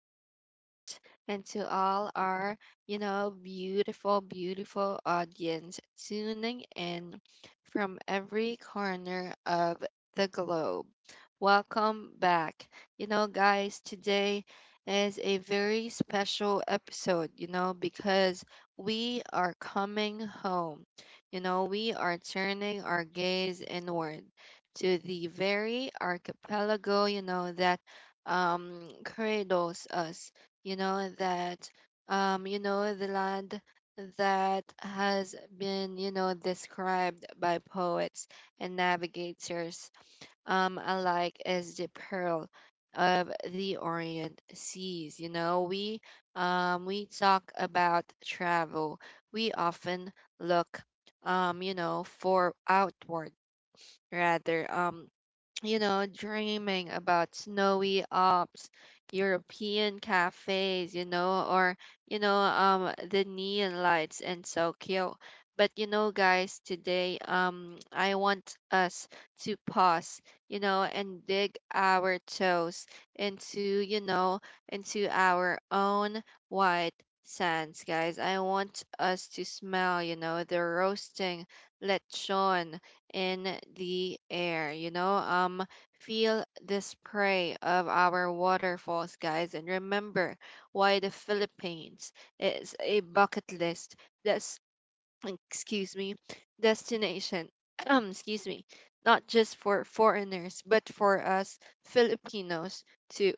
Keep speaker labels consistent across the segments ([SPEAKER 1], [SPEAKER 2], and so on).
[SPEAKER 1] listeners, and to all our, beautiful, beautiful audience tuning in from every corner of the globe. Welcome back. Guys, today is a very special episode, because we are coming home. We are turning our gaze inward to the very archipelago, you know, that cradles us, you know that you know the land that has been described by poets and navigators alike as the pearl of the orient seas. We talk about travel. We often look for outward, rather dreaming about snowy Alps, European cafes, or the neon lights in Tokyo. But, guys, today, I want us to pause, and dig our toes into, into our own white sands, guys. I want us to smell, the roasting lechon in the air, feel the spray of our waterfalls, guys, and remember why the Philippines is a bucket list. That's, excuse me, destination. Um, excuse me, Not just for foreigners, but for us Filipinos too.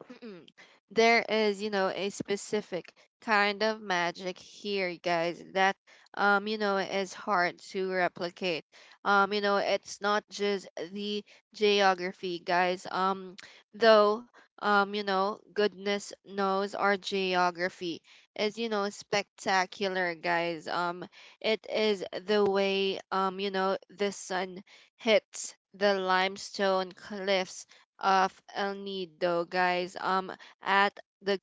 [SPEAKER 1] Mm-mm. There is, a specific kind of magic here, you guys, that is hard to replicate. It's not just the geography, guys. Though goodness knows our geography is, spectacular, guys. It is the way, the sun hits the limestone cliffs of El Nido, guys. At the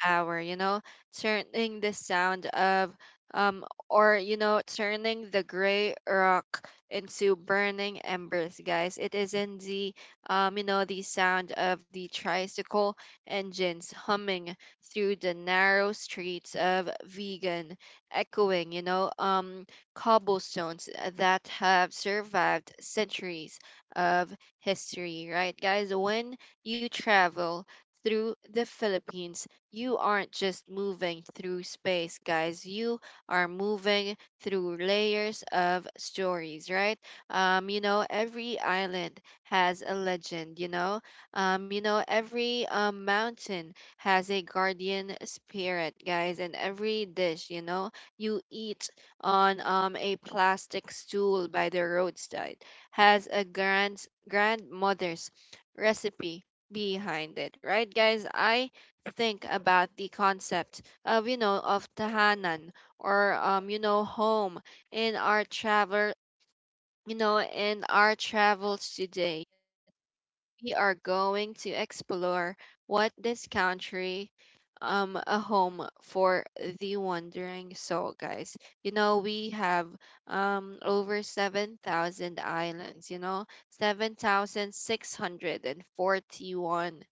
[SPEAKER 1] hour, turning the sound of turning the gray rock into burning embers, guys. It is in the the sound of the tricycle engines humming through the narrow streets of Vegan, echoing, cobblestones that have survived centuries of history, right, guys? When you travel through the Philippines, you aren't just moving through space, guys. You are moving through layers of stories, right? Every island has a legend, every mountain has a guardian spirit, guys, and every dish, you eat on a plastic stool by the roadside has a grandmother's recipe behind it, right, guys? I think about the concept of tahanan or home in our travel, in our travels. Today we are going to explore what this country a home for the wandering soul, guys. We have over 7,000 islands, 7641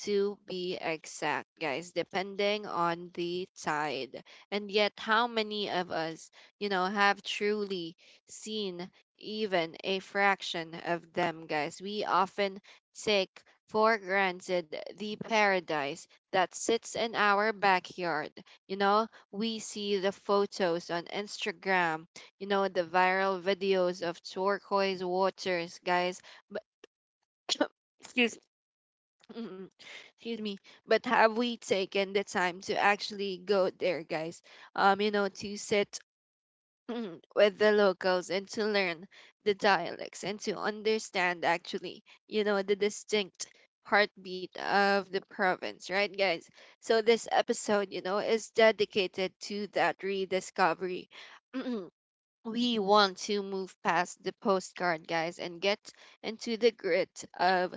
[SPEAKER 1] to be exact, guys, depending on the tide. And yet how many of us, have truly seen even a fraction of them, guys? We often take for granted the paradise that sits in our backyard. You know, we see the photos on Instagram, the viral videos of turquoise waters, guys. But excuse mm, excuse me, but have we taken the time to actually go there, guys? To sit, Mhm, with the locals and to learn the dialects and to understand actually the distinct heartbeat of the province, right, guys? So this episode, is dedicated to that rediscovery. We want to move past the postcard, guys, and get into the grit of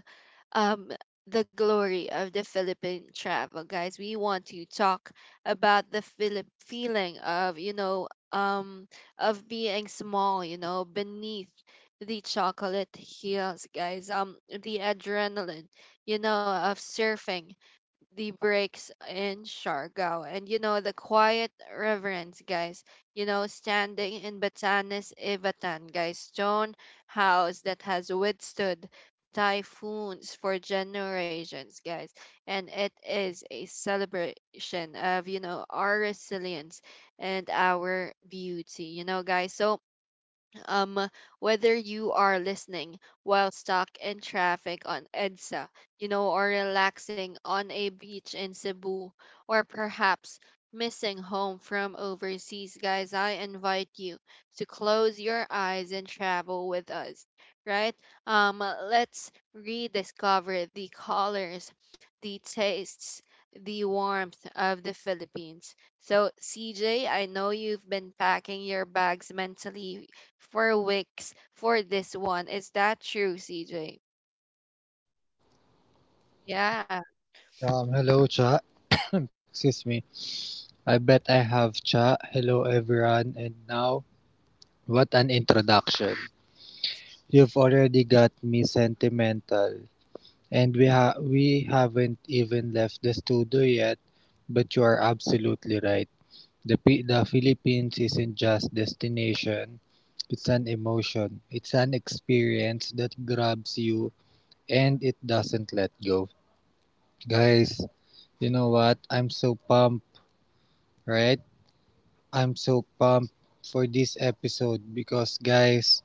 [SPEAKER 1] um the glory of the Philippine travel, guys. We want to talk about the Philip feeling of of being small, beneath the chocolate heels, guys. The adrenaline, of surfing the breaks in Siargao. And, the quiet reverence, guys. Standing in Batanes, Ivatan, guys. Stone house that has withstood typhoons for generations, guys. And it is a celebration of, our resilience and our beauty, guys. So, um, whether you are listening while stuck in traffic on EDSA, or relaxing on a beach in Cebu, or perhaps missing home from overseas, guys, I invite you to close your eyes and travel with us, right? Let's rediscover the colors, the tastes, the warmth of the Philippines. So, CJ, I know you've been packing your bags mentally for weeks for this one. Is that true, CJ? Yeah.
[SPEAKER 2] Hello, chat. Excuse me. I bet I have chat. Hello, everyone. And now, what an introduction. You've already got me sentimental. And we haven't even left the studio yet, but you are absolutely right. The Philippines isn't just destination, it's an emotion. It's an experience that grabs you and it doesn't let go. Guys, you know what? I'm so pumped, right? I'm so pumped for this episode because, guys,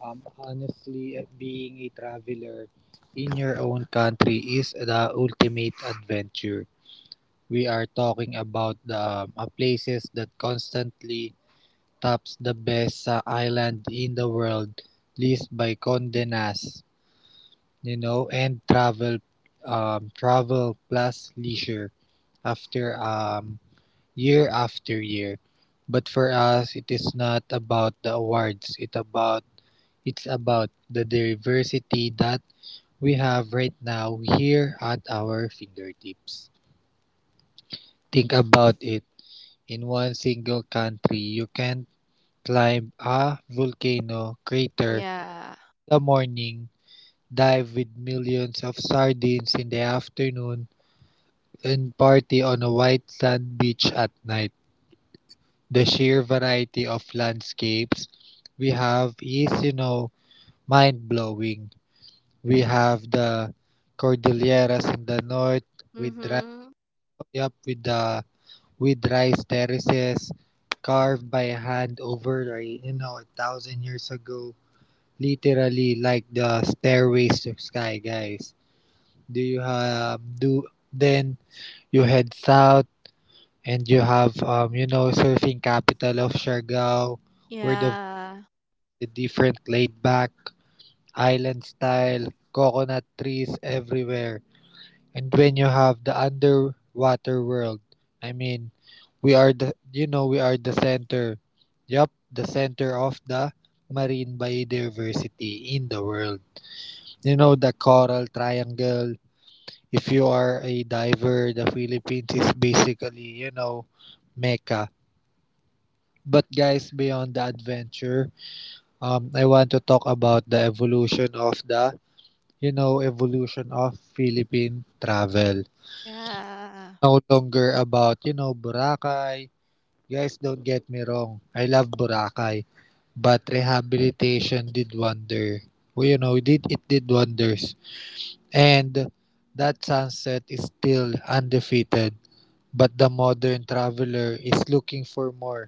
[SPEAKER 2] honestly, being a traveler in your own country is the ultimate adventure. We are talking about the places that constantly tops the best island in the world list by Condé Nast, you know, and travel plus leisure. After Year after year. But for us, it is not about the awards. It's about the diversity that we have right now here at our fingertips. Think about it. In one single country, you can climb a volcano crater in
[SPEAKER 1] Yeah.
[SPEAKER 2] the morning, dive with millions of sardines in the afternoon, and party on a white sand beach at night. The sheer variety of landscapes we have is mind blowing. We have the Cordilleras in the north with dry,
[SPEAKER 1] Mhm.
[SPEAKER 2] yep, with the with rice terraces carved by hand over a thousand years ago, literally like the stairways to sky, guys. Do you have do Then you head south and you have surfing capital of Siargao, where
[SPEAKER 1] Yeah.
[SPEAKER 2] the different laid-back, island-style coconut trees everywhere. And when you have the underwater world, I mean, we are the center. Yup, the center of the marine biodiversity in the world. You know, the coral triangle. If you are a diver, the Philippines is basically Mecca. But guys, beyond the adventure, I want to talk about the evolution of Philippine travel.
[SPEAKER 1] Yeah.
[SPEAKER 2] No longer about Boracay. Guys, don't get me wrong. I love Boracay. But rehabilitation did wonder. Well, it did wonders. And that sunset is still undefeated. But the modern traveler is looking for more.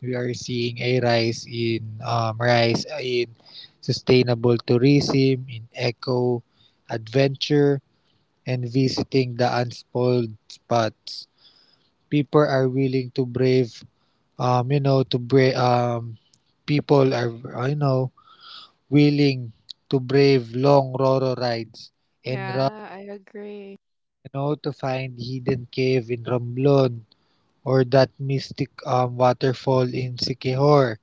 [SPEAKER 2] We are seeing a rise in sustainable tourism, in eco adventure, and visiting the unspoiled spots. People are willing to brave, to brave, people are, willing to brave long Roro rides and run
[SPEAKER 1] Yeah, I agree.
[SPEAKER 2] to find hidden cave in Romblon or that mystic waterfall in Siquijor.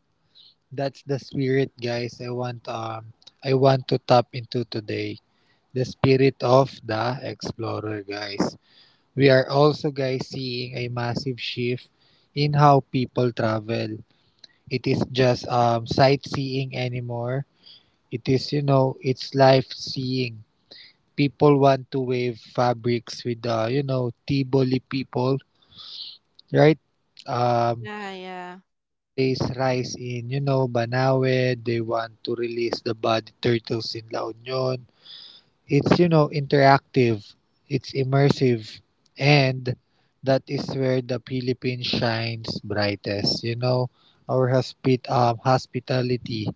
[SPEAKER 2] That's the spirit, guys. I want to tap into today. The spirit of the explorer, guys. We are also guys seeing a massive shift in how people travel. It is just sightseeing anymore. It is you know it's life seeing. People want to wave fabrics with Tiboli people, right? Um,
[SPEAKER 1] Yeah, yeah.
[SPEAKER 2] there's rise in Banawe. They want to release the body turtles in La Union. It's interactive, it's immersive, and that is where the Philippines shines brightest. Our hospitality,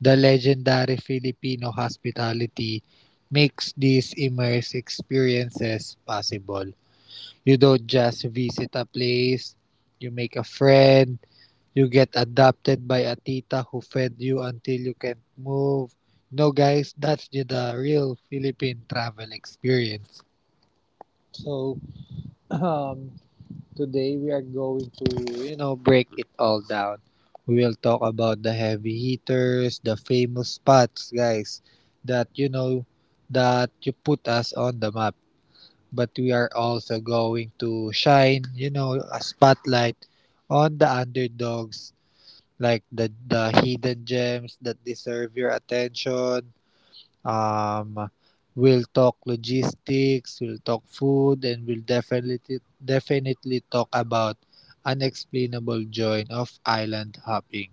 [SPEAKER 2] the legendary Filipino hospitality, makes these immersive experiences possible. You don't just visit a place, you make a friend. You get adopted by a tita who fed you until you can't move. No, guys, that's the real Philippine travel experience. So, um, today we are going to break it all down. We will talk about the heavy hitters, the famous spots, guys, that, you know, that you put us on the map. But we are also going to shine a spotlight on the underdogs, like the hidden gems that deserve your attention. Um, we'll talk logistics, we'll talk food, and we'll definitely definitely talk about unexplainable joy of island hopping.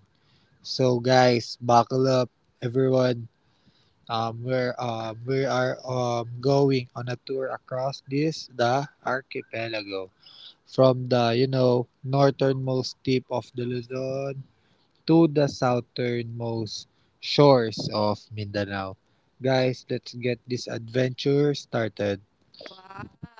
[SPEAKER 2] So guys, buckle up, everyone. We are going on a tour across this the archipelago from the northernmost tip of the Luzon to the southernmost shores of Mindanao. Guys, let's get this adventure started.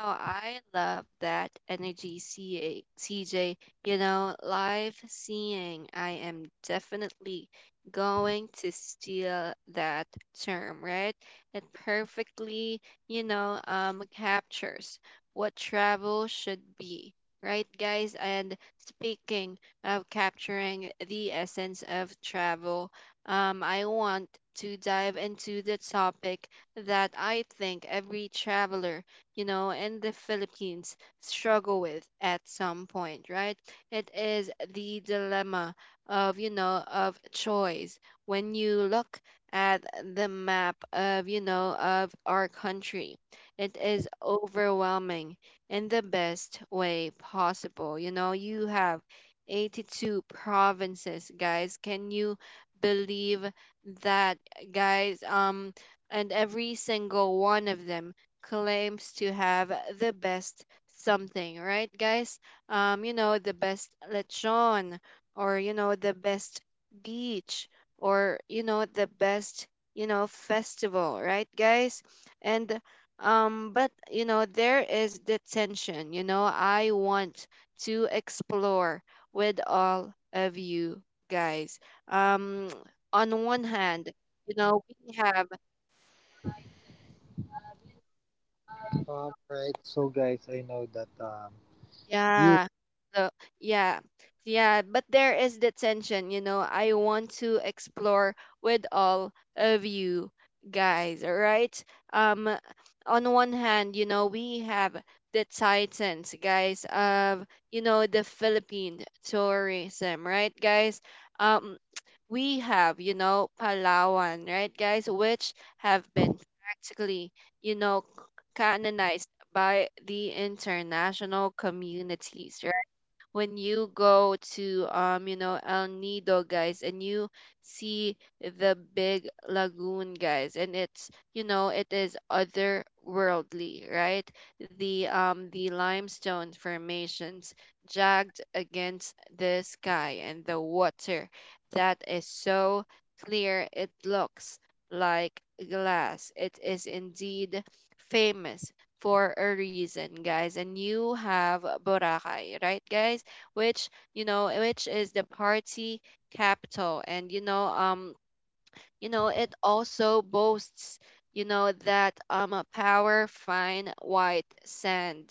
[SPEAKER 1] Wow, I love that energy, C. A. C. J. You know, live seeing, I am definitely going to steal that term, right? It perfectly, captures what travel should be, right, guys? And speaking of capturing the essence of travel, I want to dive into the topic that I think every traveler, in the Philippines struggle with at some point, right? It is the dilemma of, of choice. When you look at the map of, of our country, it is overwhelming in the best way possible. You know, you have 82 provinces, guys. Can you believe that, guys? And every single one of them claims to have the best something, right, guys? The best lechon, or the best beach, or the best, festival, right, guys? And but you know, there is the tension. You know, I want to explore with all of you guys. Um, on one hand, you know, we have
[SPEAKER 2] Alright, so guys, I know that you,
[SPEAKER 1] Yeah. So yeah. Yeah, but there is the tension, you know. I want to explore with all of you guys, all right? Um on one hand, you know, we have the titans, guys, of the Philippine tourism, right, guys? Um we have, you know, Palawan, right, guys, which have been practically, you know, canonized by the international communities. When you go to El Nido, guys, and you see the big lagoon, guys, and it's it is otherworldly, right? The the limestone formations, jagged against the sky, and the water that is so clear it looks like glass. It is indeed famous for a reason, guys. And you have Boracay, right, guys, which, which is the party capital. And it also boasts, that a power fine white sand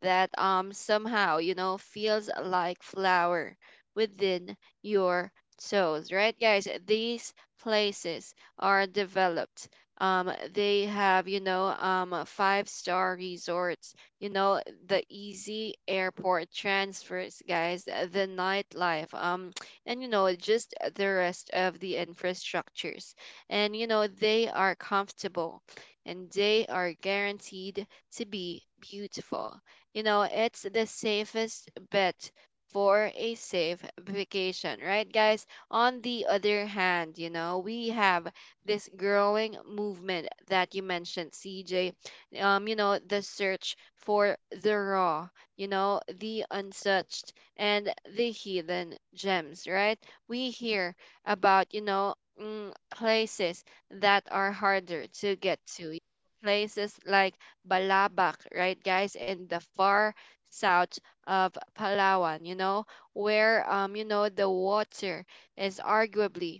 [SPEAKER 1] that somehow, feels like flour within your toes, right, guys? These places are developed. They have, five-star resorts, the easy airport transfers, guys, the nightlife. And you know, just the rest of the infrastructures, and you know, they are comfortable and they are guaranteed to be beautiful. You know, it's the safest bet for a safe vacation, right, guys? On the other hand, you know, we have this growing movement that you mentioned, CJ. You know, the search for the raw, you know, the untouched, and the hidden gems, right? We hear about, places that are harder to get to, places like Balabac, right, guys, in the far south of Palawan, you know, where, the water is arguably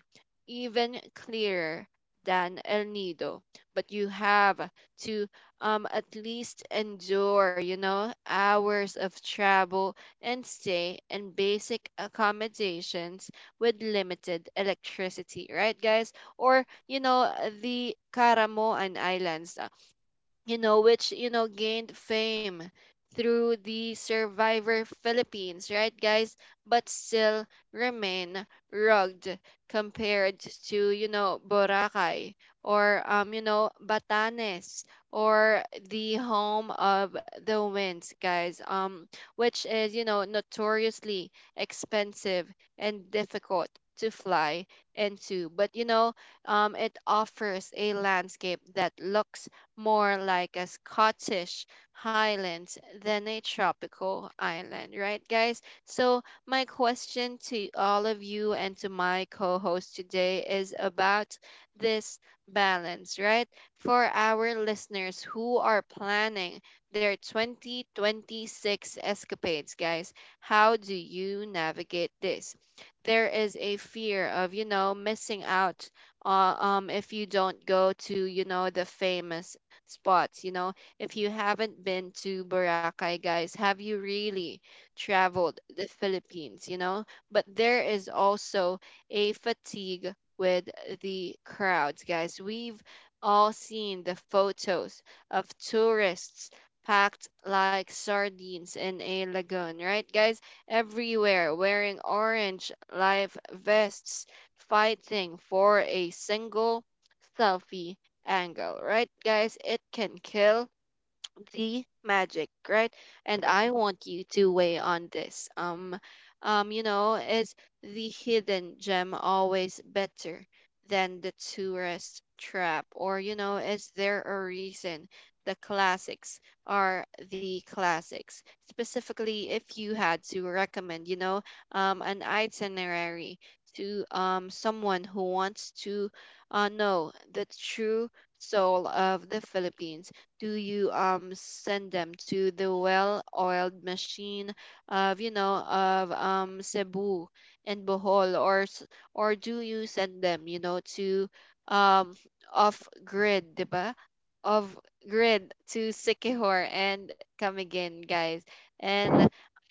[SPEAKER 1] even clearer than El Nido, but you have to at least endure, you know, hours of travel and stay in basic accommodations with limited electricity, right, guys? Or, you know, the Karamoan Islands, you know, which, you know, gained fame through the Survivor Philippines, right, guys? But still remain rugged compared to, you know, Boracay or, Batanes, or the home of the winds, guys, which is, you know, notoriously expensive and difficult to fly into. But, it offers a landscape that looks more like a Scottish Highlands than a tropical island, right, guys? So, my question to all of you and to my co host today is about this balance, right? For our listeners who are planning their 2026 escapades, guys, how do you navigate this? There is a fear of, you know, missing out if you don't go to, you know, the famous spots. You know, if you haven't been to Boracay, guys, have you really traveled the Philippines? You know, but there is also a fatigue with the crowds, guys. We've all seen the photos of tourists packed like sardines in a lagoon, right, guys? Everywhere wearing orange life vests, fighting for a single selfie angle, right, guys? It can kill the magic, right? And I want you to weigh on this. You know, is the hidden gem always better than the tourist trap? Or, you know, is there a reason the classics are the classics? Specifically, if you had to recommend, an itinerary to someone who wants to know the true soul of the Philippines, do you send them to the well-oiled machine of Cebu and Bohol? Or do you send them, you know, to um off grid, 'di ba? Off grid to Sikihor and Camiguin, guys. And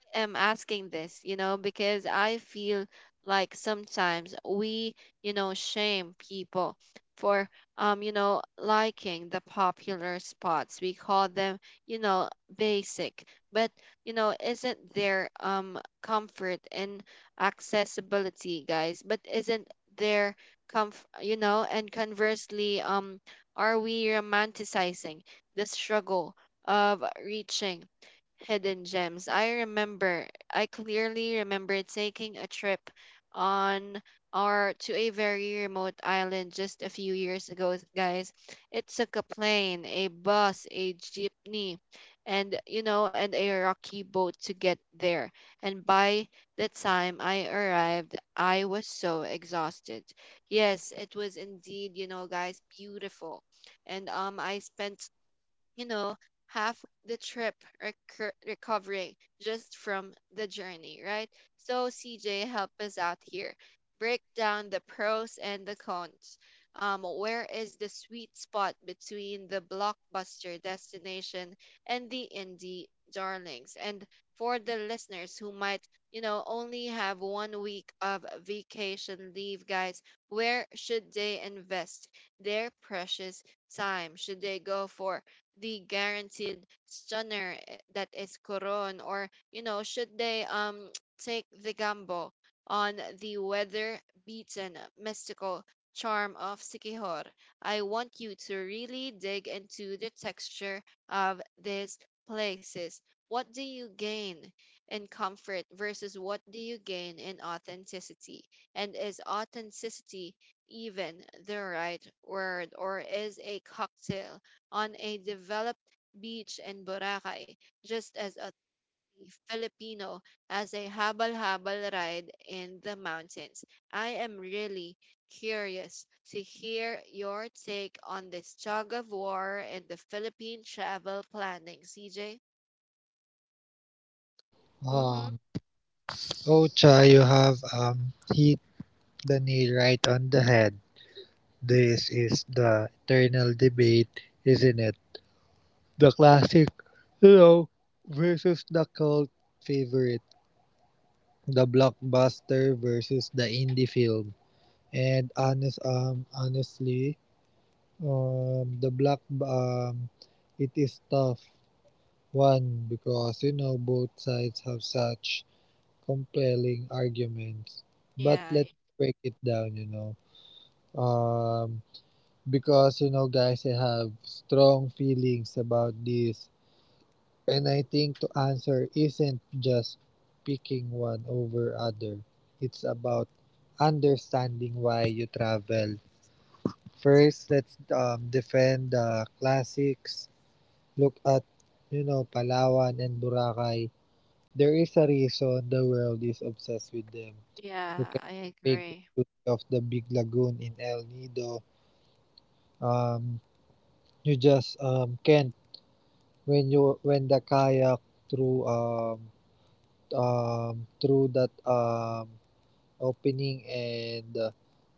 [SPEAKER 1] am asking this, you know, because I feel like sometimes we, shame people for liking the popular spots. We call them, you know, basic. But, you know, isn't there comfort in accessibility, guys? But isn't there comf you know, and conversely, are we romanticizing the struggle of reaching hidden gems. I remember, I clearly remember taking a trip on or to a very remote island just a few years ago, guys. It took a plane, a bus, a jeepney, and and a rocky boat to get there. And by the time I arrived, I was so exhausted. Yes, it was indeed, you know, guys, beautiful. And I spent you know, half the trip recovering just from the journey, right? So, CJ, help us out here. Break down the pros and the cons. Where is the sweet spot between the blockbuster destination and the indie darlings? And for the listeners who might, you know, only have 1 week of vacation leave, guys, where should they invest their precious time? Should they go for the guaranteed stunner eh, that is Coron, or you know, should they take the gamble on the weather beaten, mystical charm of Sikihor? I want you to really dig into the texture of these places. What do you gain in comfort versus what do you gain in authenticity? And is authenticity even the right word, or is a cocktail on a developed beach in Boracay just as a Filipino as a habal-habal ride in the mountains? I am really curious to hear your take on this tug of war and the Philippine travel planning, CJ. Mm-hmm.
[SPEAKER 2] um, Ocha, you have hit the nail right on the head. This is the eternal debate, isn't it? The classic, you know, versus the cult favorite, the blockbuster versus the indie film. And honestly, the black it is tough one because both sides have such compelling arguments. But
[SPEAKER 1] Yeah,
[SPEAKER 2] let's break it down. Um, because guys, I have strong feelings about this. And I think to answer isn't just picking one over other. It's about understanding why you travel. First, let's defend the classics. Look at Palawan and Boracay, there is a reason the world is obsessed with them. You
[SPEAKER 1] yeah, I
[SPEAKER 2] can take the
[SPEAKER 1] agree.
[SPEAKER 2] beauty of the big lagoon in El Nido. Um, you just can't when you when the kayak through um, through that opening and uh,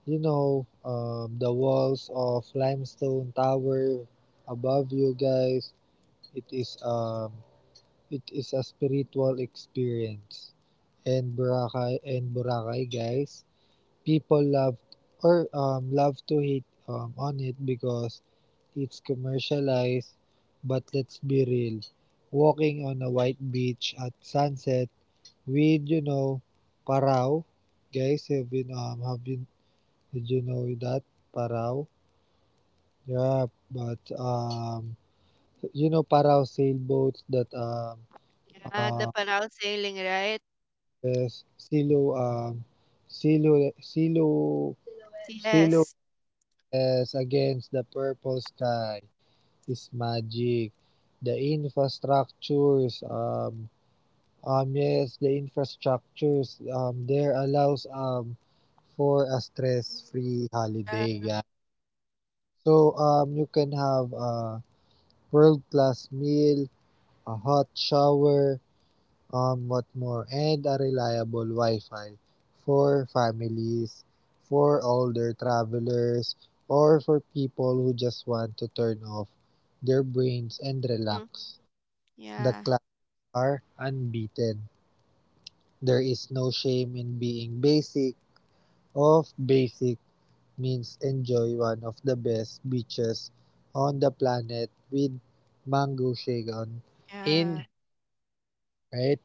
[SPEAKER 2] you know um, the walls of limestone tower above you guys. It is um, it is a spiritual experience. And Boracay guys. People love or love to hate on it because it's commercialized, but let's be real. Walking on a white beach at sunset with Parao, guys, have been did you know that Parao? Yeah, but Parao sailboats that
[SPEAKER 1] Yeah, the
[SPEAKER 2] uh,
[SPEAKER 1] Panal sailing, right?
[SPEAKER 2] yes, Silo Silo Silo
[SPEAKER 1] Yes.
[SPEAKER 2] yes, against the purple sky is magic. The infrastructures, um, yes, the there allows for a stress-free
[SPEAKER 1] Uh,
[SPEAKER 2] holiday, guys. So you can have a world-class meal, a hot shower, what more, and a reliable Wi-Fi for families, for older travelers, or for people who just want to turn off their brains and
[SPEAKER 1] mm,
[SPEAKER 2] relax. The
[SPEAKER 1] yeah,
[SPEAKER 2] classics are unbeaten. There is no shame in being basic. Of basic means enjoy one of the best beaches on the planet with mango shaken in
[SPEAKER 1] yeah.
[SPEAKER 2] right.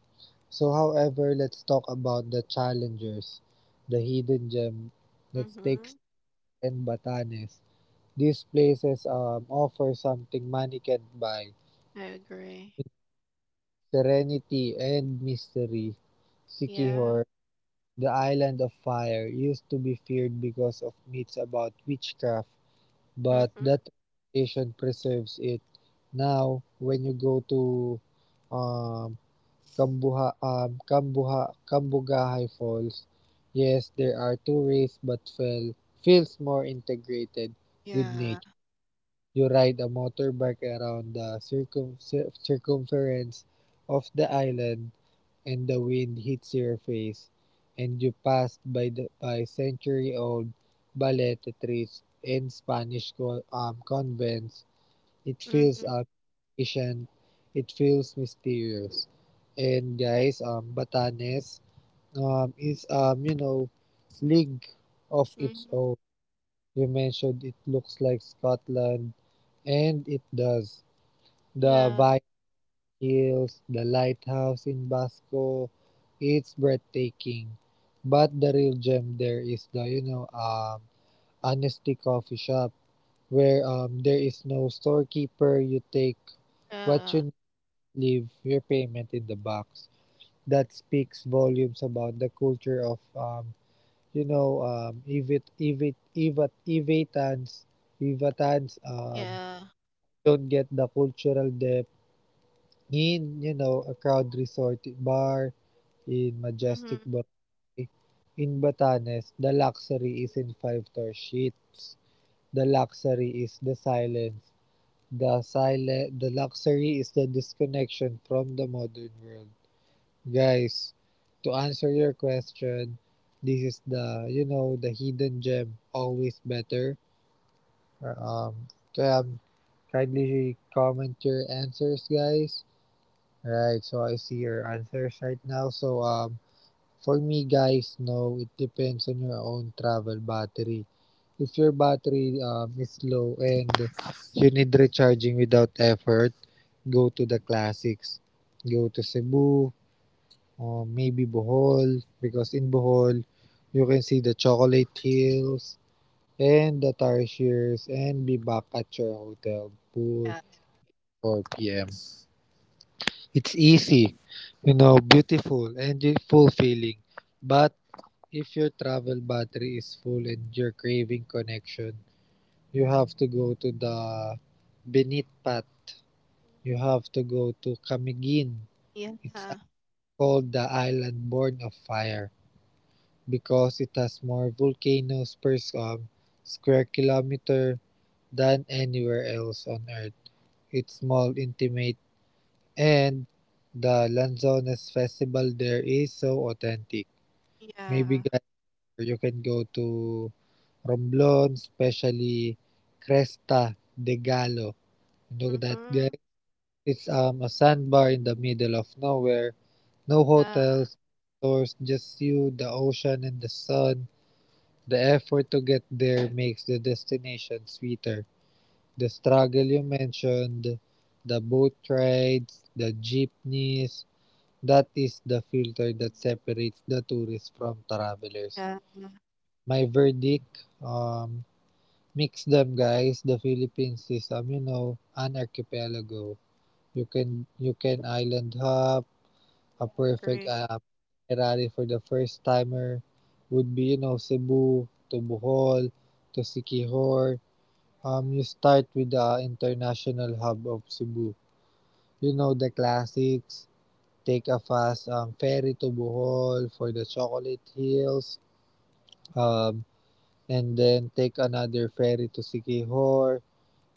[SPEAKER 2] So, however, let's talk about the challengers, the hidden gem. Let's take
[SPEAKER 1] Mm-hmm.
[SPEAKER 2] and Batanes. These places offer something money can't buy:
[SPEAKER 1] I agree.
[SPEAKER 2] serenity and mystery. Sikihor,
[SPEAKER 1] Yeah.
[SPEAKER 2] the island of fire, used to be feared because of myths about witchcraft, but
[SPEAKER 1] Mm-hmm.
[SPEAKER 2] that reputation preserves it. Now, when you go to um, Kambugahay Falls. Yes, there are two rails but feels more integrated with
[SPEAKER 1] Yeah.
[SPEAKER 2] nature. You ride a motorbike around the circumference of the island and the wind hits your face and you pass by century old baleta trees and Spanish convents. It feels
[SPEAKER 1] Mm-hmm.
[SPEAKER 2] artificial, it feels mysterious. And guys, Batanes is league of its
[SPEAKER 1] Mm-hmm.
[SPEAKER 2] own. You mentioned it looks like Scotland, and it does. The
[SPEAKER 1] Yeah.
[SPEAKER 2] Viking Hills, the lighthouse in Basco, it's breathtaking. But the real gem there is the Honesty Coffee Shop, where there is no storekeeper. You take what
[SPEAKER 1] Yeah.
[SPEAKER 2] you leave your payment in the box. That speaks volumes about the culture of, you know, um, evit, evit, evat, evatans, evatans
[SPEAKER 1] Yeah.
[SPEAKER 2] don't get the cultural depth in a crowd resort bar in majestic
[SPEAKER 1] Mm-hmm.
[SPEAKER 2] Boracay. In Batanes, the luxury is in five-star sheets. The luxury is the silence. The silent, the luxury is the disconnection from the modern world. Guys, to answer your question, this is the hidden gem, always better. Um, um, Kindly comment your answers, guys. Right, so I see your answers right now. So, for me, guys, no, it depends on your own travel battery. If your battery is low and you need recharging without effort, go to the classics. Go to Cebu, or maybe Bohol because in Bohol you can see the chocolate hills and the tarsiers and be back at your hotel pool
[SPEAKER 1] Yeah.
[SPEAKER 2] 4 p.m. It's easy beautiful and fulfilling. But if your travel battery is full and you're craving connection, you have to go to the Benitpat. You have to go to Camiguin. It's
[SPEAKER 1] Yeah.
[SPEAKER 2] called the island born of fire, because it has more volcanoes per square kilometer than anywhere else on Earth. It's small, intimate, and the Lanzones festival there is so authentic. Maybe
[SPEAKER 1] Yeah.
[SPEAKER 2] guys, you can go to Romblon, especially Cresta de Gallo. You know that guy?
[SPEAKER 1] Mm-hmm.
[SPEAKER 2] It's a sandbar in the middle of nowhere. No
[SPEAKER 1] Yeah.
[SPEAKER 2] hotels, no stores, just you, the ocean, and the sun. The effort to get there makes the destination sweeter. The struggle you mentioned, the boat rides, the jeepneys, that is the filter that separates the tourists from travelers.
[SPEAKER 1] Yeah. Yeah.
[SPEAKER 2] My verdict, mix them guys. The Philippines is an archipelago. You can island hop. A
[SPEAKER 1] I
[SPEAKER 2] perfect
[SPEAKER 1] agree.
[SPEAKER 2] itinerary for the first timer would be Cebu to Bohol to Sikihor. You start with the international hub of Cebu. You know the classics. Take a fast ferry to Bohol for the Chocolate Hills, um, and then take another ferry to Siquijor,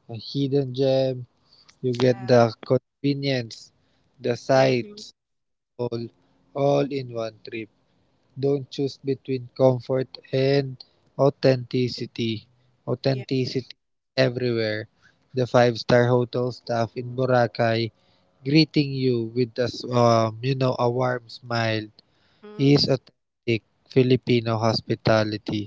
[SPEAKER 2] a hidden gem. You get the
[SPEAKER 1] Yeah.
[SPEAKER 2] convenience, the
[SPEAKER 1] Mm-hmm.
[SPEAKER 2] sights, all, all in one trip. Don't choose between comfort and authenticity.
[SPEAKER 1] Yeah.
[SPEAKER 2] Authenticity everywhere. The five-star hotel staff in Boracay greeting you with a s- you know a warm smile
[SPEAKER 1] Mm-hmm.
[SPEAKER 2] is authentic Filipino hospitality.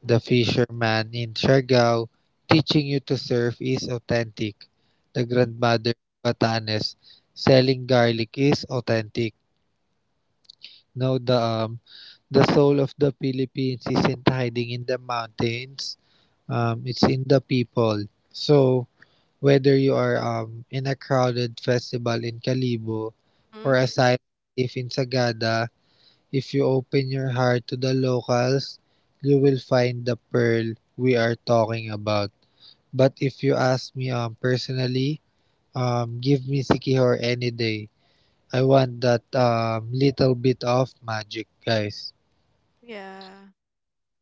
[SPEAKER 2] The fisherman in Siargao teaching you to surf is authentic. The grandmother in Batanes selling garlic is authentic. No, the soul of the Philippines isn't hiding in the mountains. It's in the people. So whether you are in a crowded festival in Calibo or a
[SPEAKER 1] Mm-hmm.
[SPEAKER 2] silent cave in Sagada, if you open your heart to the locals, you will find the pearl we are talking about. But if you ask me personally, give me Sikihor any day. I want that little bit of magic, guys.
[SPEAKER 1] Yeah.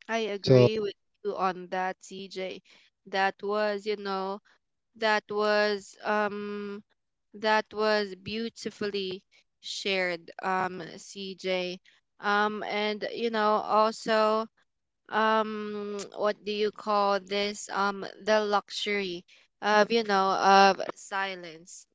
[SPEAKER 1] I
[SPEAKER 2] So
[SPEAKER 1] agree with you on that, CJ. That was, you know, that was um that was beautifully shared, CJ. And you know, also what do you call this, the luxury of, you know, of silence,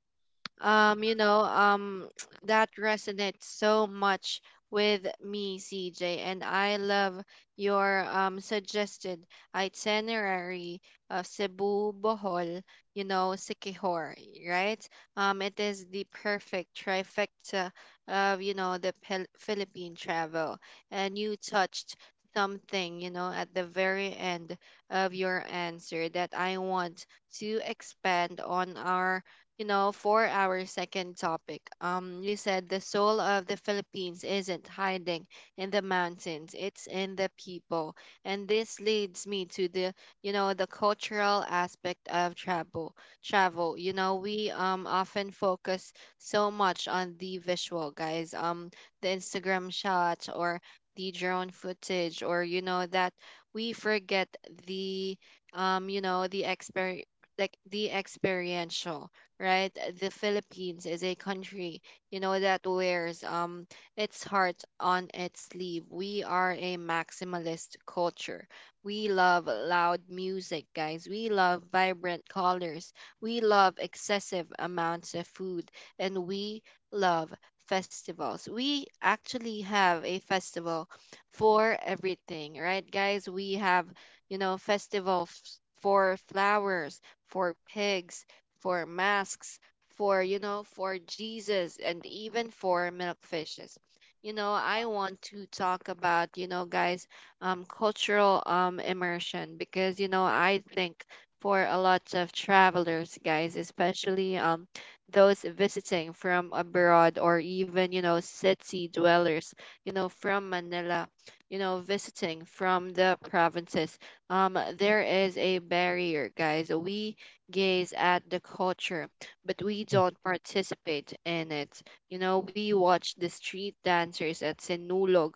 [SPEAKER 1] um you know um that resonates so much with me, CJ, and I love your suggested itinerary of Cebu, Bohol, you know, Siquijor, right? It is the perfect trifecta of, you know, the Philippine travel. And you touched something, you know, at the very end of your answer that I want to expand on our, you know, for our second topic. You said the soul of the Philippines isn't hiding in the mountains, it's in the people. And this leads me to the, you know, the cultural aspect of travel. Travel, you know, we often focus so much on the visual, guys. The Instagram shot, or the drone footage, or you know, that we forget the you know the exper like the experiential, right? The Philippines is a country, you know, that wears its heart on its sleeve. We are a maximalist culture. We love loud music, guys. We love vibrant colors. We love excessive amounts of food, and we love festivals. We actually have a festival for everything, right, guys? We have, you know, festivals for flowers, for pigs, for masks, for, you know, for Jesus, and even for milkfishes. You know, I want to talk about, you know, guys, cultural immersion because, you know, I think for a lot of travelers, guys, especially those visiting from abroad, or even, you know, city dwellers, you know, from Manila, you know, visiting from the provinces, there is a barrier, guys. We gaze at the culture, but we don't participate in it. You know, we watch the street dancers at Sinulog,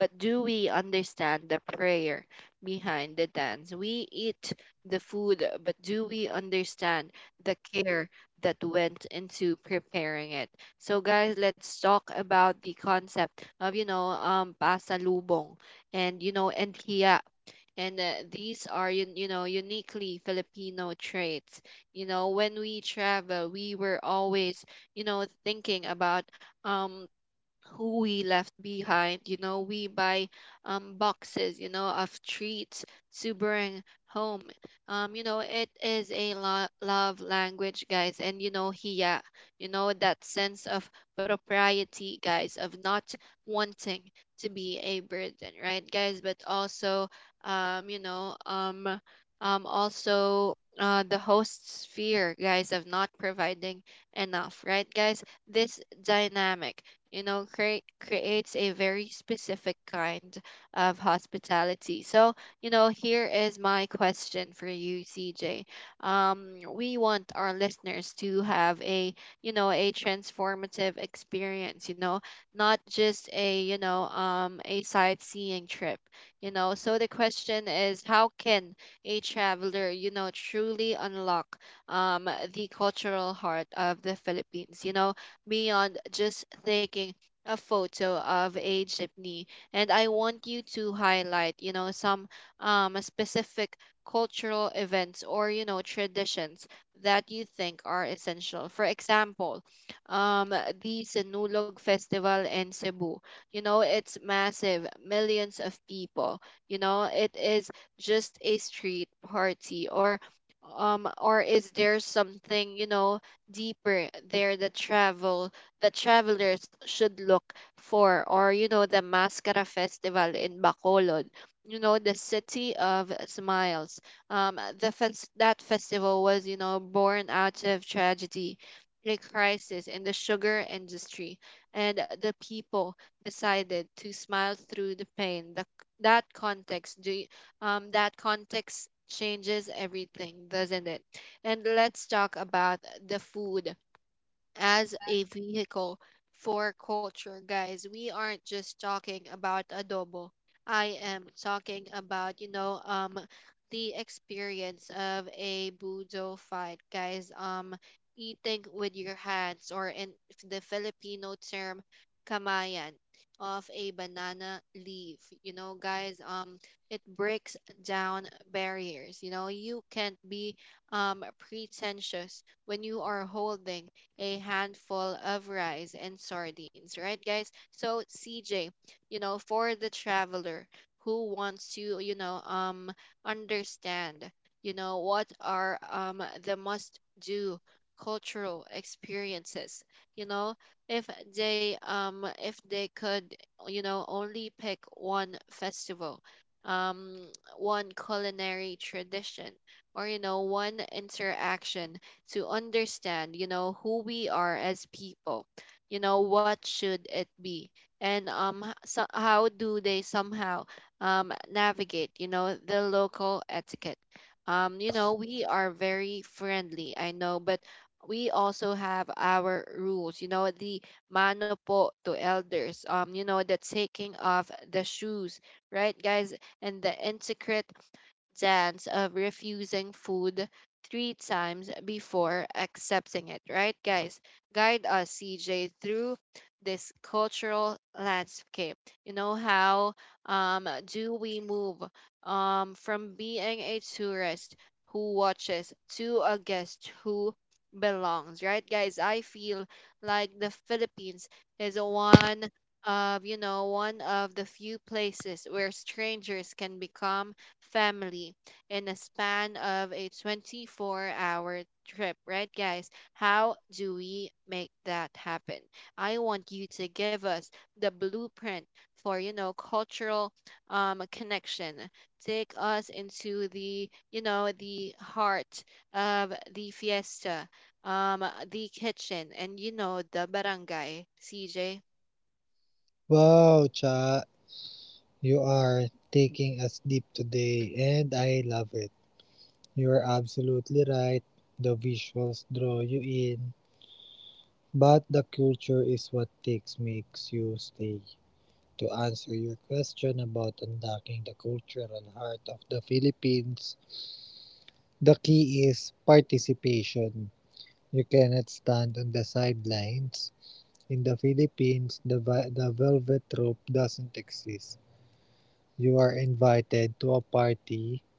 [SPEAKER 1] but do we understand the prayer behind the dance? We eat the food, but do we understand the care that went into preparing it? So, guys, let's talk about the concept of, you know, pasalubong and, you know, and hiya, and these are, you know, uniquely Filipino traits. You know, when we travel we were always, you know, thinking about um who we left behind. You know, we buy boxes, you know, of treats to bring home. You know, it is a love language, guys. And, you know, hiya, you know, that sense of propriety, guys, of not wanting to be a burden, right, guys? But also, um, you know, um, also, the host's fear, guys, of not providing enough, right, guys? This dynamic, you know, creates a very specific kind of hospitality. So, you know, here is my question for you, CJ. We want our listeners to have a, you know, a transformative experience, you know, not just a, you know, a sightseeing trip, you know. So the question is, how can a traveler, you know, truly unlock the cultural heart of the Philippines? You know, beyond just taking a photo of a jeepney. And I want you to highlight, you know, some specific cultural events, or you know, traditions that you think are essential. For example, the Sinulog festival in Cebu, you know, it's massive, millions of people. You know, it is just a street party, or um, or is there something, you know, deeper there the travelers should look for? Or, you know, the Mascara festival in Bacolod, you know, the city of smiles. Um, that festival was, you know, born out of tragedy, a crisis in the sugar industry. And the people decided to smile through the pain. That context, that context changes everything, doesn't it? And let's talk about the food as a vehicle for culture, guys. We aren't just talking about adobo. I am talking about, you know, um, the experience of a budo fight, guys. Um, eating with your hands, or in the Filipino term kamayan, of a banana leaf. You know, guys, um, it breaks down barriers. You know, you can't be um, pretentious when you are holding a handful of rice and sardines, right, guys? So, CJ, you know, for the traveler who wants to, you know, understand, you know, what are um, the must do cultural experiences, you know, if they if they could, you know, only pick one festival, um one culinary tradition, or you know, one interaction to understand, you know, who we are as people. You know, what should it be? And so how do they somehow navigate, you know, the local etiquette? You know, we are very friendly, I know, but we also have our rules, you know, the mano po to elders, you know, the taking off the shoes, right, guys? And the intricate dance of refusing food three times before accepting it, right, guys? Guide us, CJ, through this cultural landscape. You know, how do we move from being a tourist who watches to a guest who belongs, right, guys? I feel like the Philippines is one of you know one of the few places where strangers can become family in a span of a 24-hour trip, right, guys? How do we make that happen? I want you to give us the blueprint for, you know, cultural connection. Take us into the, you know, the heart of the fiesta, um, the kitchen, and, you know, the barangay, CJ.
[SPEAKER 2] wow, Cha, you are taking us deep today, and I love it. You are absolutely right. The visuals draw you in, but the culture is what takes makes you stay. To answer your question about unlocking the cultural heart of the Philippines, the key is participation. You cannot stand on the sidelines. In the Philippines, the velvet rope doesn't exist. You are invited to a party,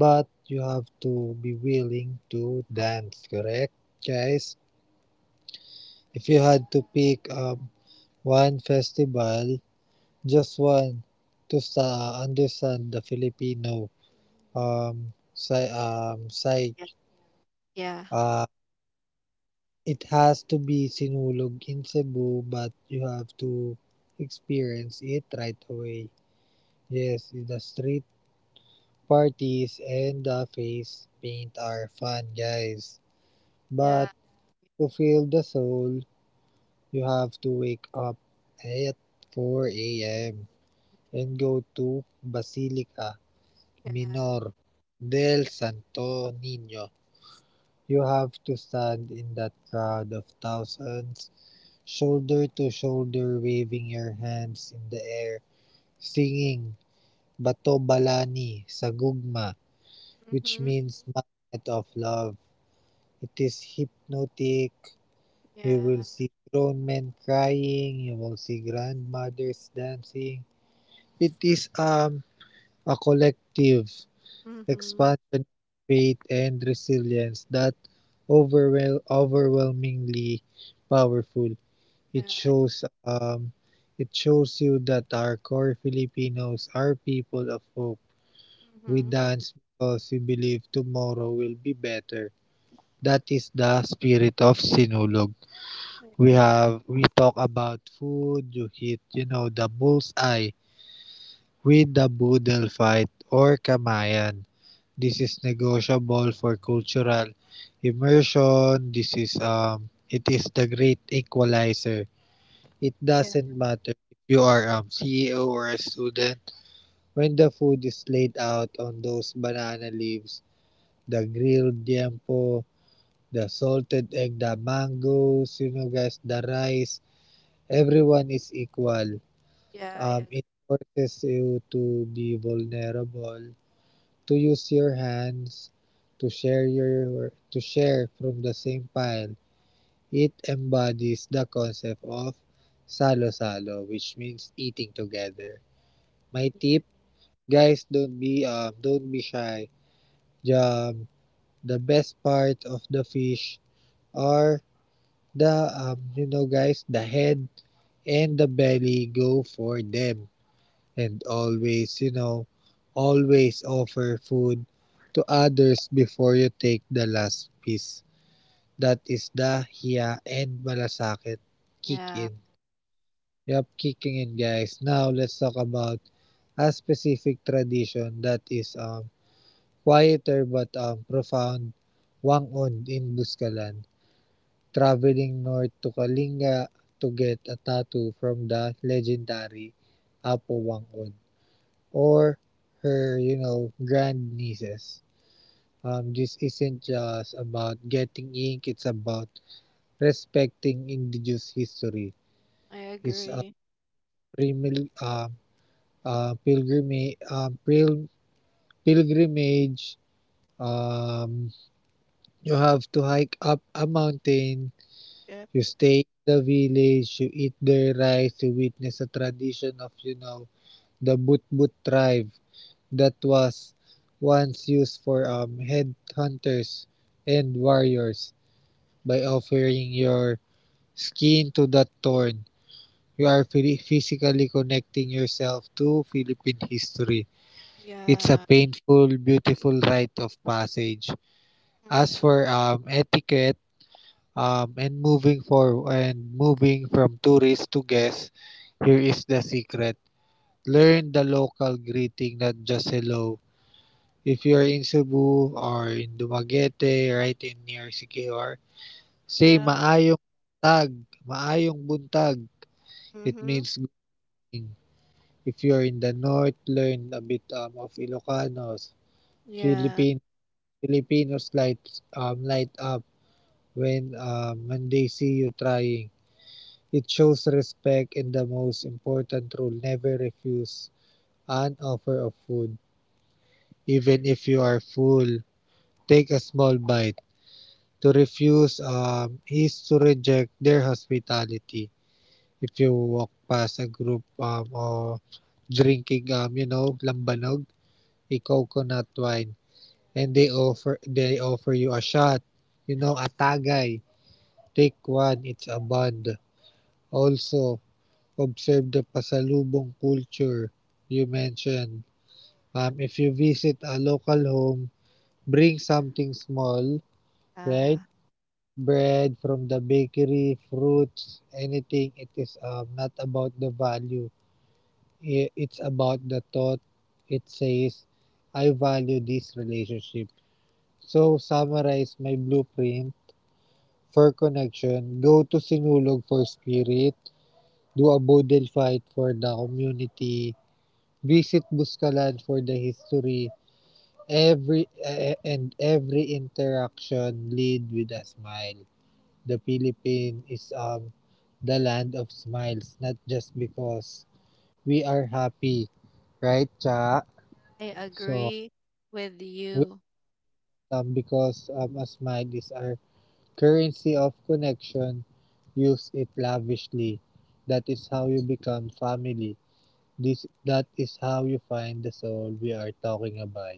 [SPEAKER 2] but you have to be willing to dance, correct? Guys, if you had to pick one festival, just one, to understand the Filipino psyche,
[SPEAKER 1] Yeah. Yeah.
[SPEAKER 2] uh, it has to be Sinulog in Cebu, but you have to experience it right away. Yes, the street parties and the face paint are fun, guys.
[SPEAKER 1] Yeah.
[SPEAKER 2] But to feel the soul, you have to wake up at 4 a.m. and go to Basilica
[SPEAKER 1] Yeah.
[SPEAKER 2] Minor del Santo Niño. You have to stand in that crowd of thousands, shoulder to shoulder, waving your hands in the air, singing Bato Balani sa Gugma, which
[SPEAKER 1] Mm-hmm.
[SPEAKER 2] means Magnet of Love. It is hypnotic. You
[SPEAKER 1] Yeah.
[SPEAKER 2] will see grown men crying, you will see grandmothers dancing. It is a collective
[SPEAKER 1] Mm-hmm.
[SPEAKER 2] expansion of faith and resilience that overwhelmingly powerful.
[SPEAKER 1] Yeah.
[SPEAKER 2] It shows you that our core Filipinos are people of hope. We
[SPEAKER 1] Mm-hmm.
[SPEAKER 2] dance because we believe tomorrow will be better. That is the spirit of Sinulog.
[SPEAKER 1] I agree.
[SPEAKER 2] We talk about food, you hit, you know, the bullseye with the boodle fight or kamayan. This is negotiable for cultural immersion. This is it is the great equalizer. It
[SPEAKER 1] Yeah.
[SPEAKER 2] doesn't matter if you are ceo or a student. When the food is laid out on those banana leaves, the grilled tiempo, the salted egg, the mangoes, you know guys, the rice, everyone is equal.
[SPEAKER 1] Yeah, I agree.
[SPEAKER 2] It forces you to be vulnerable, to use your hands, to share from the same pile. It embodies the concept of salo-salo, which means eating together. My
[SPEAKER 1] Yeah.
[SPEAKER 2] tip, guys, don't be shy. Um, the best part of the fish are the the head and the belly. Go for them. And always, you know, always offer food to others before you take the last piece. That is the hiya and malasakit kick
[SPEAKER 1] Yeah,
[SPEAKER 2] in. Yup, kicking in guys. Now let's talk about a specific tradition that is quieter but profound: wangon in Buscalan. Traveling north to Kalinga to get a tattoo from the legendary Apo Wangon, or her, you know, grandnieces. This isn't just about getting ink, it's about respecting indigenous history.
[SPEAKER 1] I
[SPEAKER 2] It's a
[SPEAKER 1] agree.
[SPEAKER 2] primil, uh, uh, pilgrima- uh, pil- pilgrimage. Um, you have to hike up a mountain,
[SPEAKER 1] Yeah.
[SPEAKER 2] you stay in the village, you eat their rice, you witness a tradition of, you know, the Butbut tribe that was once used for headhunters and warriors. By offering your skin to that thorn, you are physically connecting yourself to Philippine history. It's a
[SPEAKER 1] Yeah.
[SPEAKER 2] painful, beautiful rite of passage.
[SPEAKER 1] Mm.
[SPEAKER 2] As for etiquette and moving from tourists to guests, here is the secret. Learn the local greeting, not just hello. If you're in Cebu or in Dumaguete, right in near Siquijor, say
[SPEAKER 1] Yeah.
[SPEAKER 2] tag, maayong buntag. It
[SPEAKER 1] Mm-hmm.
[SPEAKER 2] means good evening. If you're in the north, learn a bit of Ilocanos.
[SPEAKER 1] Yeah.
[SPEAKER 2] Filipino Filipinos light light up when they see you trying. It shows respect, and the most important rule: never refuse an offer of food, even if you are full. Take a small bite. To refuse is to reject their hospitality. If you walk past a group of drinking, you know, lambanog, a coconut wine, and they offer you a shot, you know, a tagay. Take one, it's a bond. Also, observe the pasalubong culture you mentioned. If you visit a local home, bring something small, right?
[SPEAKER 1] Uh,
[SPEAKER 2] Bread from the bakery, fruits, anything. It is not about the value. It's about the thought. It says, I value this relationship. So, summarize my blueprint for connection. Go to Sinulog for spirit. Do a Bodil fight for the community. Visit Buscalan for the history. Every eh, eh, and every interaction lead with a smile. The Philippines is the land of smiles, not just because we are happy, right, Cha?
[SPEAKER 1] I
[SPEAKER 2] So,
[SPEAKER 1] agree with
[SPEAKER 2] we,
[SPEAKER 1] you.
[SPEAKER 2] because a smile is our currency of connection, use it lavishly. That is how you become family. This That is how you find the soul we are talking about.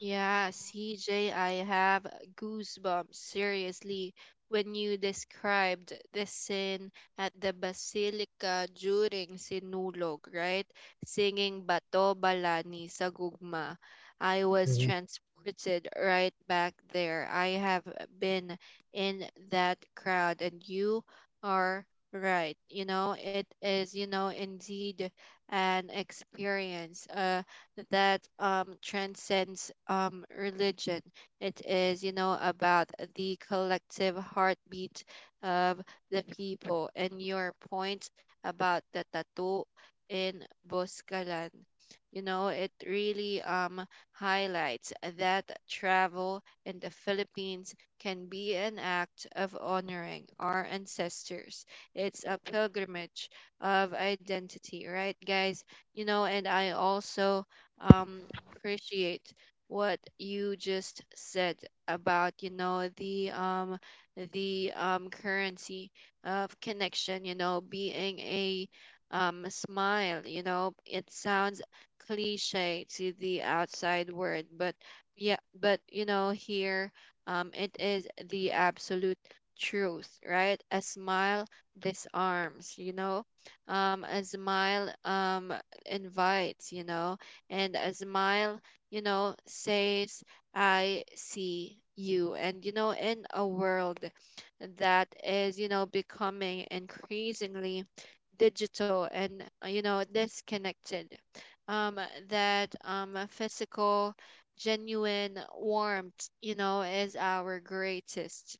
[SPEAKER 1] Yeah, CJ, I have goosebumps, seriously, when you described the scene at the Basilica during Sinulog, right? Singing Bato Balani sa Gugma. I was
[SPEAKER 2] Mhm.
[SPEAKER 1] transported right back there. I have been in that crowd, and you are right. You know, it is, you know, indeed an experience. That transcends religion. It is, you know, about the collective heartbeat of the people. And your point about the tattoo in Boscalan, you know, it really highlights that travel in the Philippines can be an act of honoring our ancestors. It's a pilgrimage of identity, right, guys? You know, and I also um, appreciate what you just said about, you know, the currency of connection, you know, being a um, smile. You know, it sounds cliche to the outside world, but yeah, but you know, here um, it is the absolute truth, right? A smile disarms, you know, um, a smile um, invites, you know, and a smile, you know, says, I see you. And, you know, in a world that is, you know, becoming increasingly digital and, you know, disconnected, um, that a physical, genuine warmth, you know, is our greatest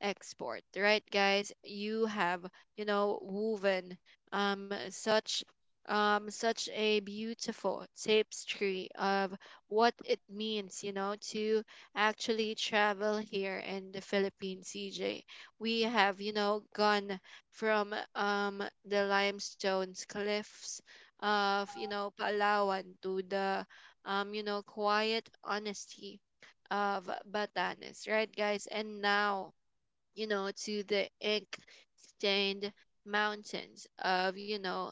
[SPEAKER 1] export, right, guys? You have, you know, woven um, such such a beautiful tapestry of what it means, you know, to actually travel here in the Philippines, CJ. We have, gone from the limestones cliffs of, Palawan to the, quiet honesty of Batanes, right, guys? And now, to the ink stained mountains of,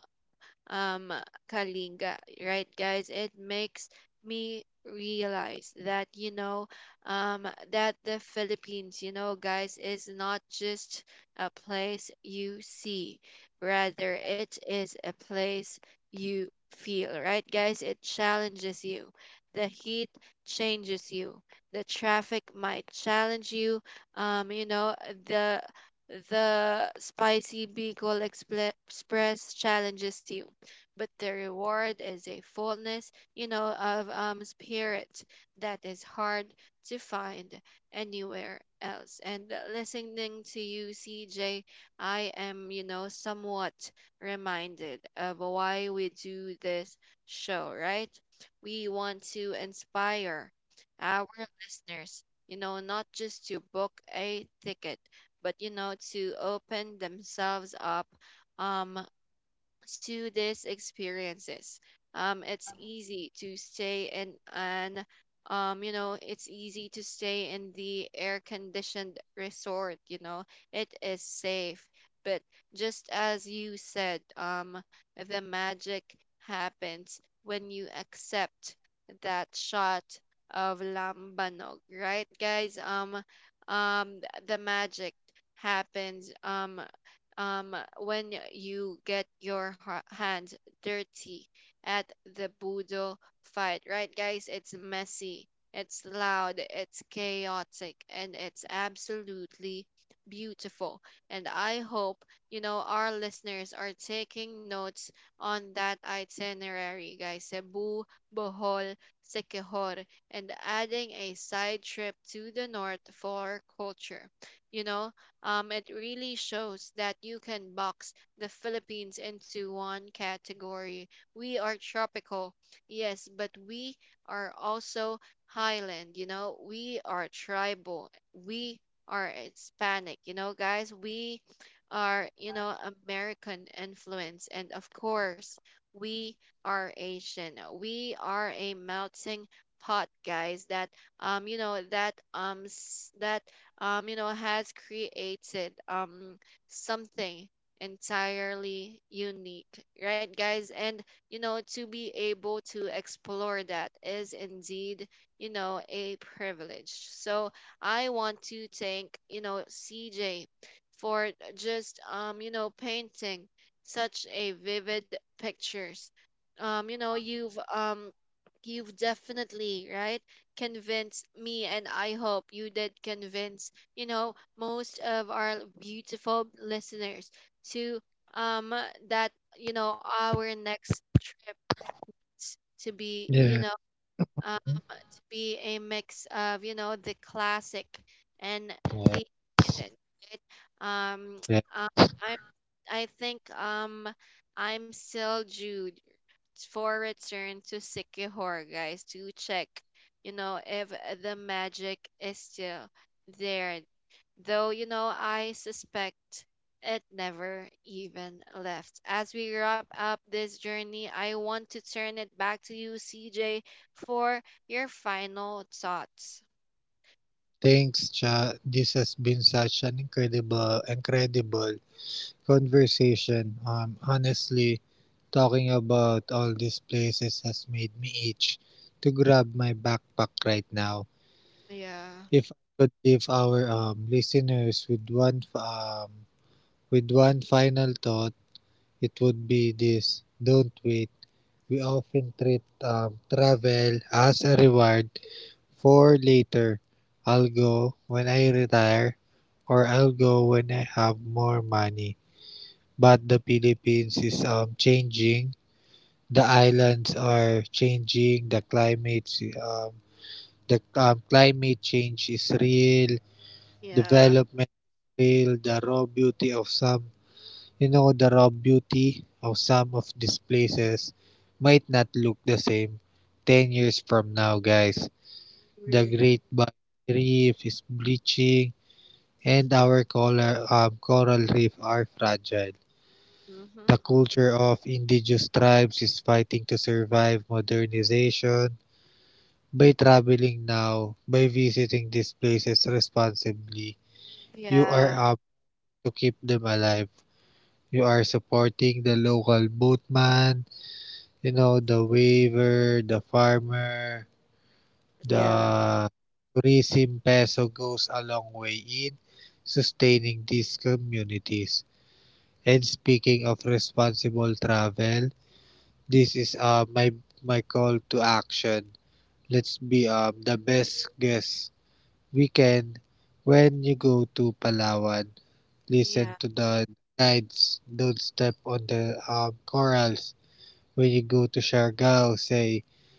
[SPEAKER 1] um, Kalinga, right, guys? It makes me realize that, that the Philippines, guys, is not just a place you see, rather, it is a place you feel, right, guys? It challenges you. The heat changes you. The traffic might challenge you. Um, you know, the the spicy Bicol Express challenges you, but the reward is a fullness, of spirit that is hard to find anywhere else. And listening to you, C J, I am, somewhat reminded of why we do this show, right? We want to inspire our listeners, not just to book a ticket, but, to open themselves up um, to these experiences. It's easy to stay in an, it's easy to stay in the air conditioned resort, it is safe. But just as you said, the magic happens when you accept that shot of lambanog, right, guys? The magic happens. When you get your hands dirty at the Budo fight, right, guys? It's messy, it's loud, it's chaotic, and it's absolutely beautiful. And I hope, our listeners are taking notes on that itinerary, guys. Cebu, Bohol, Siquijor, and adding a side trip to the north for culture. You know, it really shows that you can box the Philippines into one category. We are tropical, yes, but we are also highland, we are tribal, we are Hispanic, guys, we are, American influence, and of course, we are Asian. We are a melting pot, guys, that you know that s- that you know, has created something entirely unique, right, guys? And to be able to explore that is indeed, a privilege. So I want to thank, CJ for just painting such a vivid pictures. You know, you've You've definitely right convince me, and I hope you did convince, most of our beautiful listeners to um that, our next trip to be,
[SPEAKER 2] Yeah.
[SPEAKER 1] um to be a mix of, the classic and
[SPEAKER 2] Yeah.
[SPEAKER 1] the hidden, right? Um
[SPEAKER 2] Yeah.
[SPEAKER 1] uh, I I think I'm still Jude for return to Sikihor, guys, to check, if the magic is still there. Though, I suspect it never even left. As we wrap up this journey, I want to turn it back to you, CJ, for your final thoughts.
[SPEAKER 2] Thanks, Cha. This has been such an incredible conversation. Honestly, talking about all these places has made me itch to grab my backpack right now.
[SPEAKER 1] Yeah.
[SPEAKER 2] If I could leave our listeners with with one final thought, it would be this: Don't wait. We often treat travel as a reward for later. I'll go when I retire, or I'll go when I have more money. But the Philippines is changing. The islands are changing. Um, the climate change is real.
[SPEAKER 1] Yeah.
[SPEAKER 2] Development is real. The raw beauty of some of these places might not look the same 10 years from now, guys. The
[SPEAKER 1] Agree.
[SPEAKER 2] Great Barrier Reef is bleaching, and our coral reef are fragile. The
[SPEAKER 1] Mm-hmm.
[SPEAKER 2] culture of indigenous tribes is fighting to survive modernization. By traveling now, by visiting these places responsibly, you are
[SPEAKER 1] Yeah.
[SPEAKER 2] up to keep them alive. You are supporting the local boatman, you know, the weaver, the farmer, the
[SPEAKER 1] Yeah.
[SPEAKER 2] tourism peso goes a long way in sustaining these communities. And speaking of responsible travel, this is my call to action. Let's be the best guests we can. When you go to Palawan, listen to
[SPEAKER 1] Yeah.
[SPEAKER 2] the guides. Don't step on the corals. When you go to Siargao, say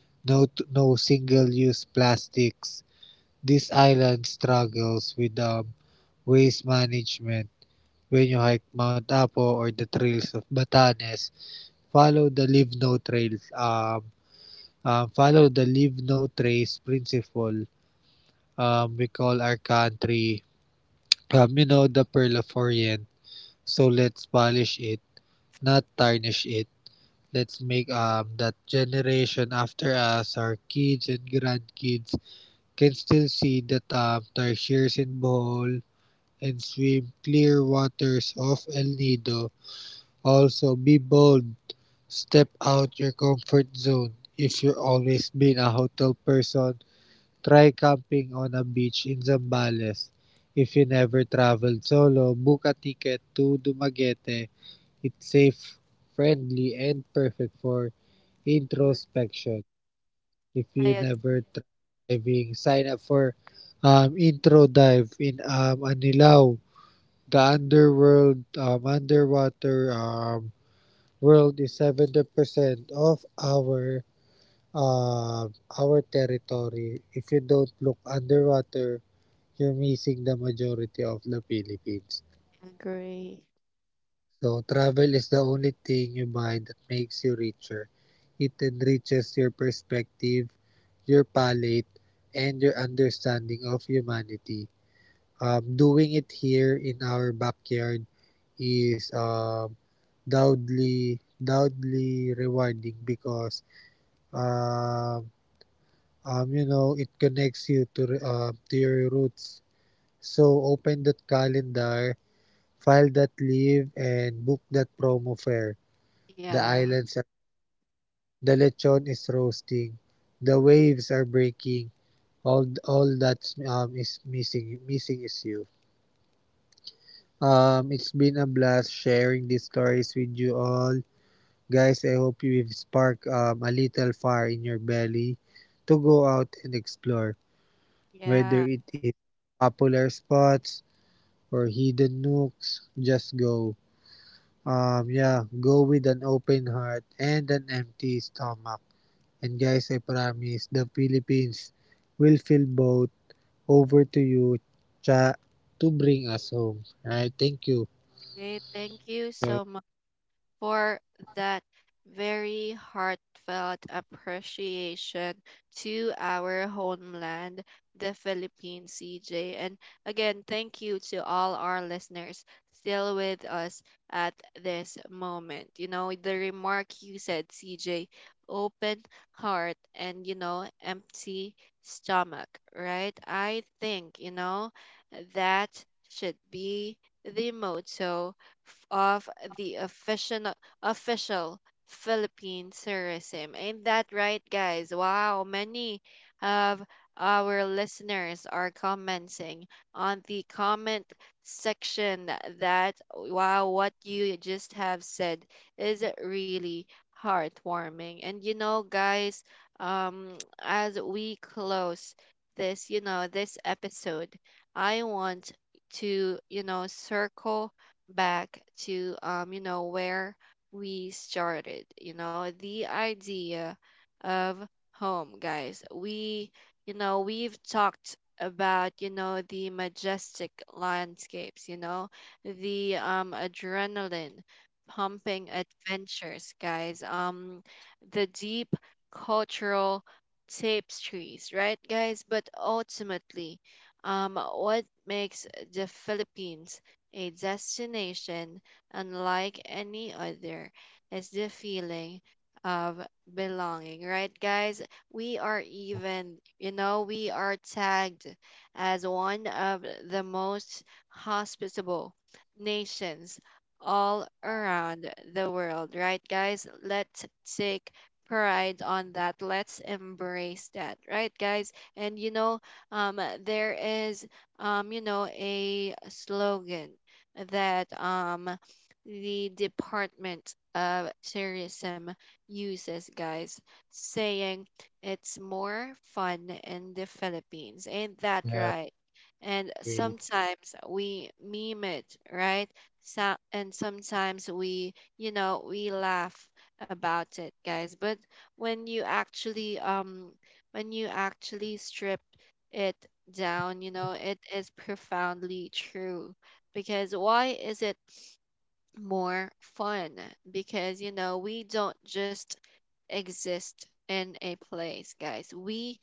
[SPEAKER 2] no single-use plastics. This island struggles with waste management. When you hike Mount Apo or the trails of Batanes, follow the leave no trace principle. We call our country, you know, the pearl of Orient. So let's polish it, not tarnish it. Let's make that generation after us, our kids and grandkids, can still see that tarsiers in Bohol and swim clear waters of El Nido. Also, be bold. Step out your comfort zone. If you've always been a hotel person, try camping on a beach in Zambales. If you never traveled solo, book a ticket to Dumaguete. It's safe, friendly, and perfect for introspection. If you
[SPEAKER 1] I ag-
[SPEAKER 2] never tried diving, sign up for intro dive in Anilao. Underwater world is 70% of uh, our territory. If you don't look underwater, you're missing the majority of the Philippines.
[SPEAKER 1] Agree.
[SPEAKER 2] So travel is the only thing you buy that makes you richer. It enriches your perspective, your palate, and your understanding of humanity. Doing it here in our backyard is doubly, doubly rewarding because um, you know it connects you to your roots. So open that calendar, file-that-leave and book-that-promo fare. The
[SPEAKER 1] Yeah.
[SPEAKER 2] islands are the lechon is roasting, the waves are breaking. All that's is missing missing is you. It's been a blast sharing these stories with you all, guys. I hope you've sparked a little fire in your belly to go out and explore, whether it
[SPEAKER 1] Yeah.
[SPEAKER 2] is popular spots or hidden nooks. Just go. Yeah, go with an open heart and an empty stomach. And guys, I promise the Philippines will fill both. Over to you, Cha, to bring us home. Alright, thank you.
[SPEAKER 1] Okay. Thank you
[SPEAKER 2] Yeah,
[SPEAKER 1] so for that very heartfelt appreciation to our homeland, the Philippines, CJ. And again, thank you to all our listeners still with us at this moment. You know, the remark you said, CJ, open heart and, empty stomach, right? I think, that should be the motto of the official Philippine tourism. Ain't that right, guys? Wow, many of our listeners are commenting on the comment section that, wow, what you just have said is really heartwarming. And you know, guys, as we close this, this episode, I want to, circle back to where we started. You know, the idea of home, guys. We, we've talked about, the majestic landscapes, the adrenaline pumping adventures, guys, the deep cultural tapestries, right, guys? But ultimately, what makes the Philippines a destination unlike any other. It's the feeling of belonging, right, guys? We are even, we are tagged as one of the most hospitable nations all around the world, right, guys? Let's take pride on that. Let's embrace that, right, guys? And you know, there is, a slogan that the Department of Tourism uses, guys, saying it's more fun in the Philippines. Ain't
[SPEAKER 2] yeah,
[SPEAKER 1] that right? And
[SPEAKER 2] wait.
[SPEAKER 1] sometimes we meme it, right? So, and sometimes we, we laugh about it, guys. But when you actually, um, when you actually strip it down, it is profoundly true. Because why is it? More fun because you know we don't just exist in a place, guys. We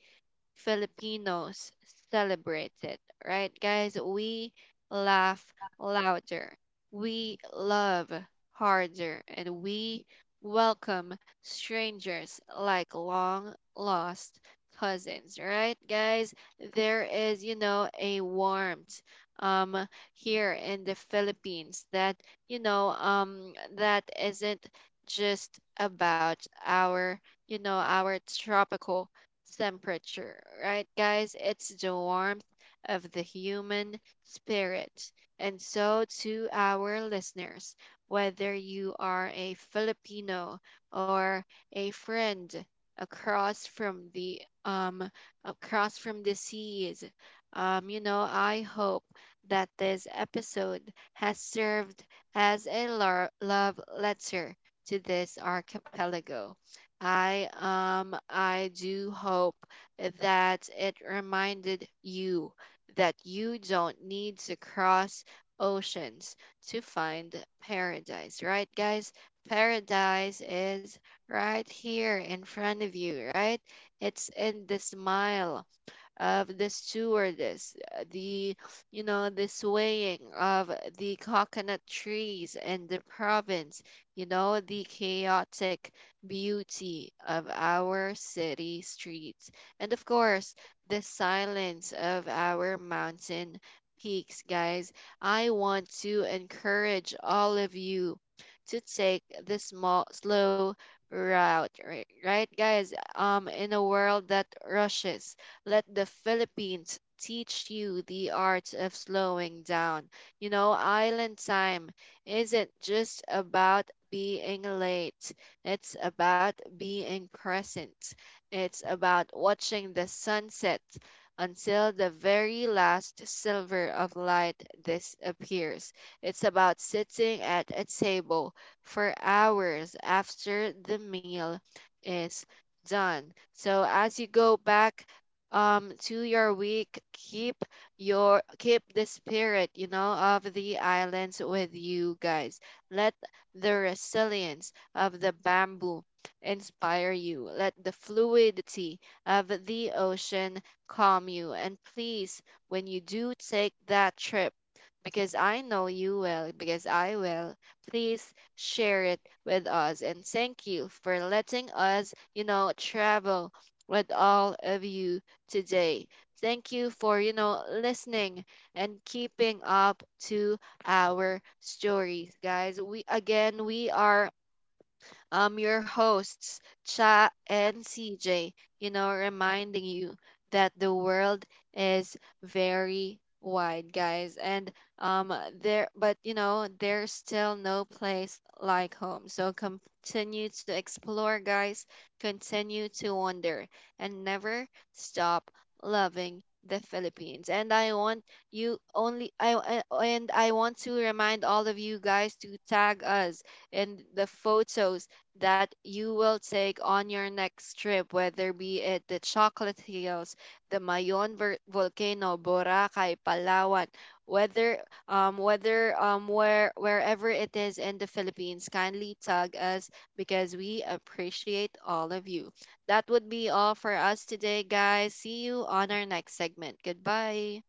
[SPEAKER 1] Filipinos celebrate it, right, guys? We laugh louder, we love harder, and we welcome strangers like long lost cousins, right, guys? There is, a warmth here in the Philippines that, that isn't just about our our tropical temperature, right, guys? It's the warmth of the human spirit. And so, to our listeners, whether you are a Filipino or a friend across from the um across from the seas, you know, I hope that this episode has served as a love letter to this archipelago. I do hope that it reminded you that you don't need to cross oceans to find paradise, right, guys? Paradise is right here in front of you, right? It's in the smile of the stewardess, the the swaying of the coconut trees in the province, you know the chaotic beauty of our city streets, and of course the silence of our mountain peaks, guys. I want to encourage all of you to take the small slow route, right, guys, in a world that rushes, let the Philippines teach you the art of slowing down. You know, island time isn't just about being late, it's about being present. It's about watching the sunset until the very last silver of light disappears. It's about sitting at a table for hours after the meal is done. So as you go back to your week, keep the spirit, of the islands with you, guys. Let the resilience of the bamboo inspire you, let the fluidity of the ocean calm you, and please, when you do take that trip, because I know you will, because I will. Please share it with us. And thank you for letting us, travel with all of you today. Thank you for, listening and keeping up to our stories, guys. We are your hosts, Cha and CJ, reminding you that the world is very wide, guys. And um, but you know, there's still no place like home. So continue to explore, guys. Continue to wonder and never stop loving the Philippines. And I want you only I- and I want to remind all of you guys to tag us in the photos that you will take on your next trip, whether be it the Chocolate Hills, the Volcano, Boracay, Palawan, whether whether where wherever it is in the Philippines, kindly tag us because we appreciate all of you. That would be all for us today, guys. See you on our next segment. Goodbye.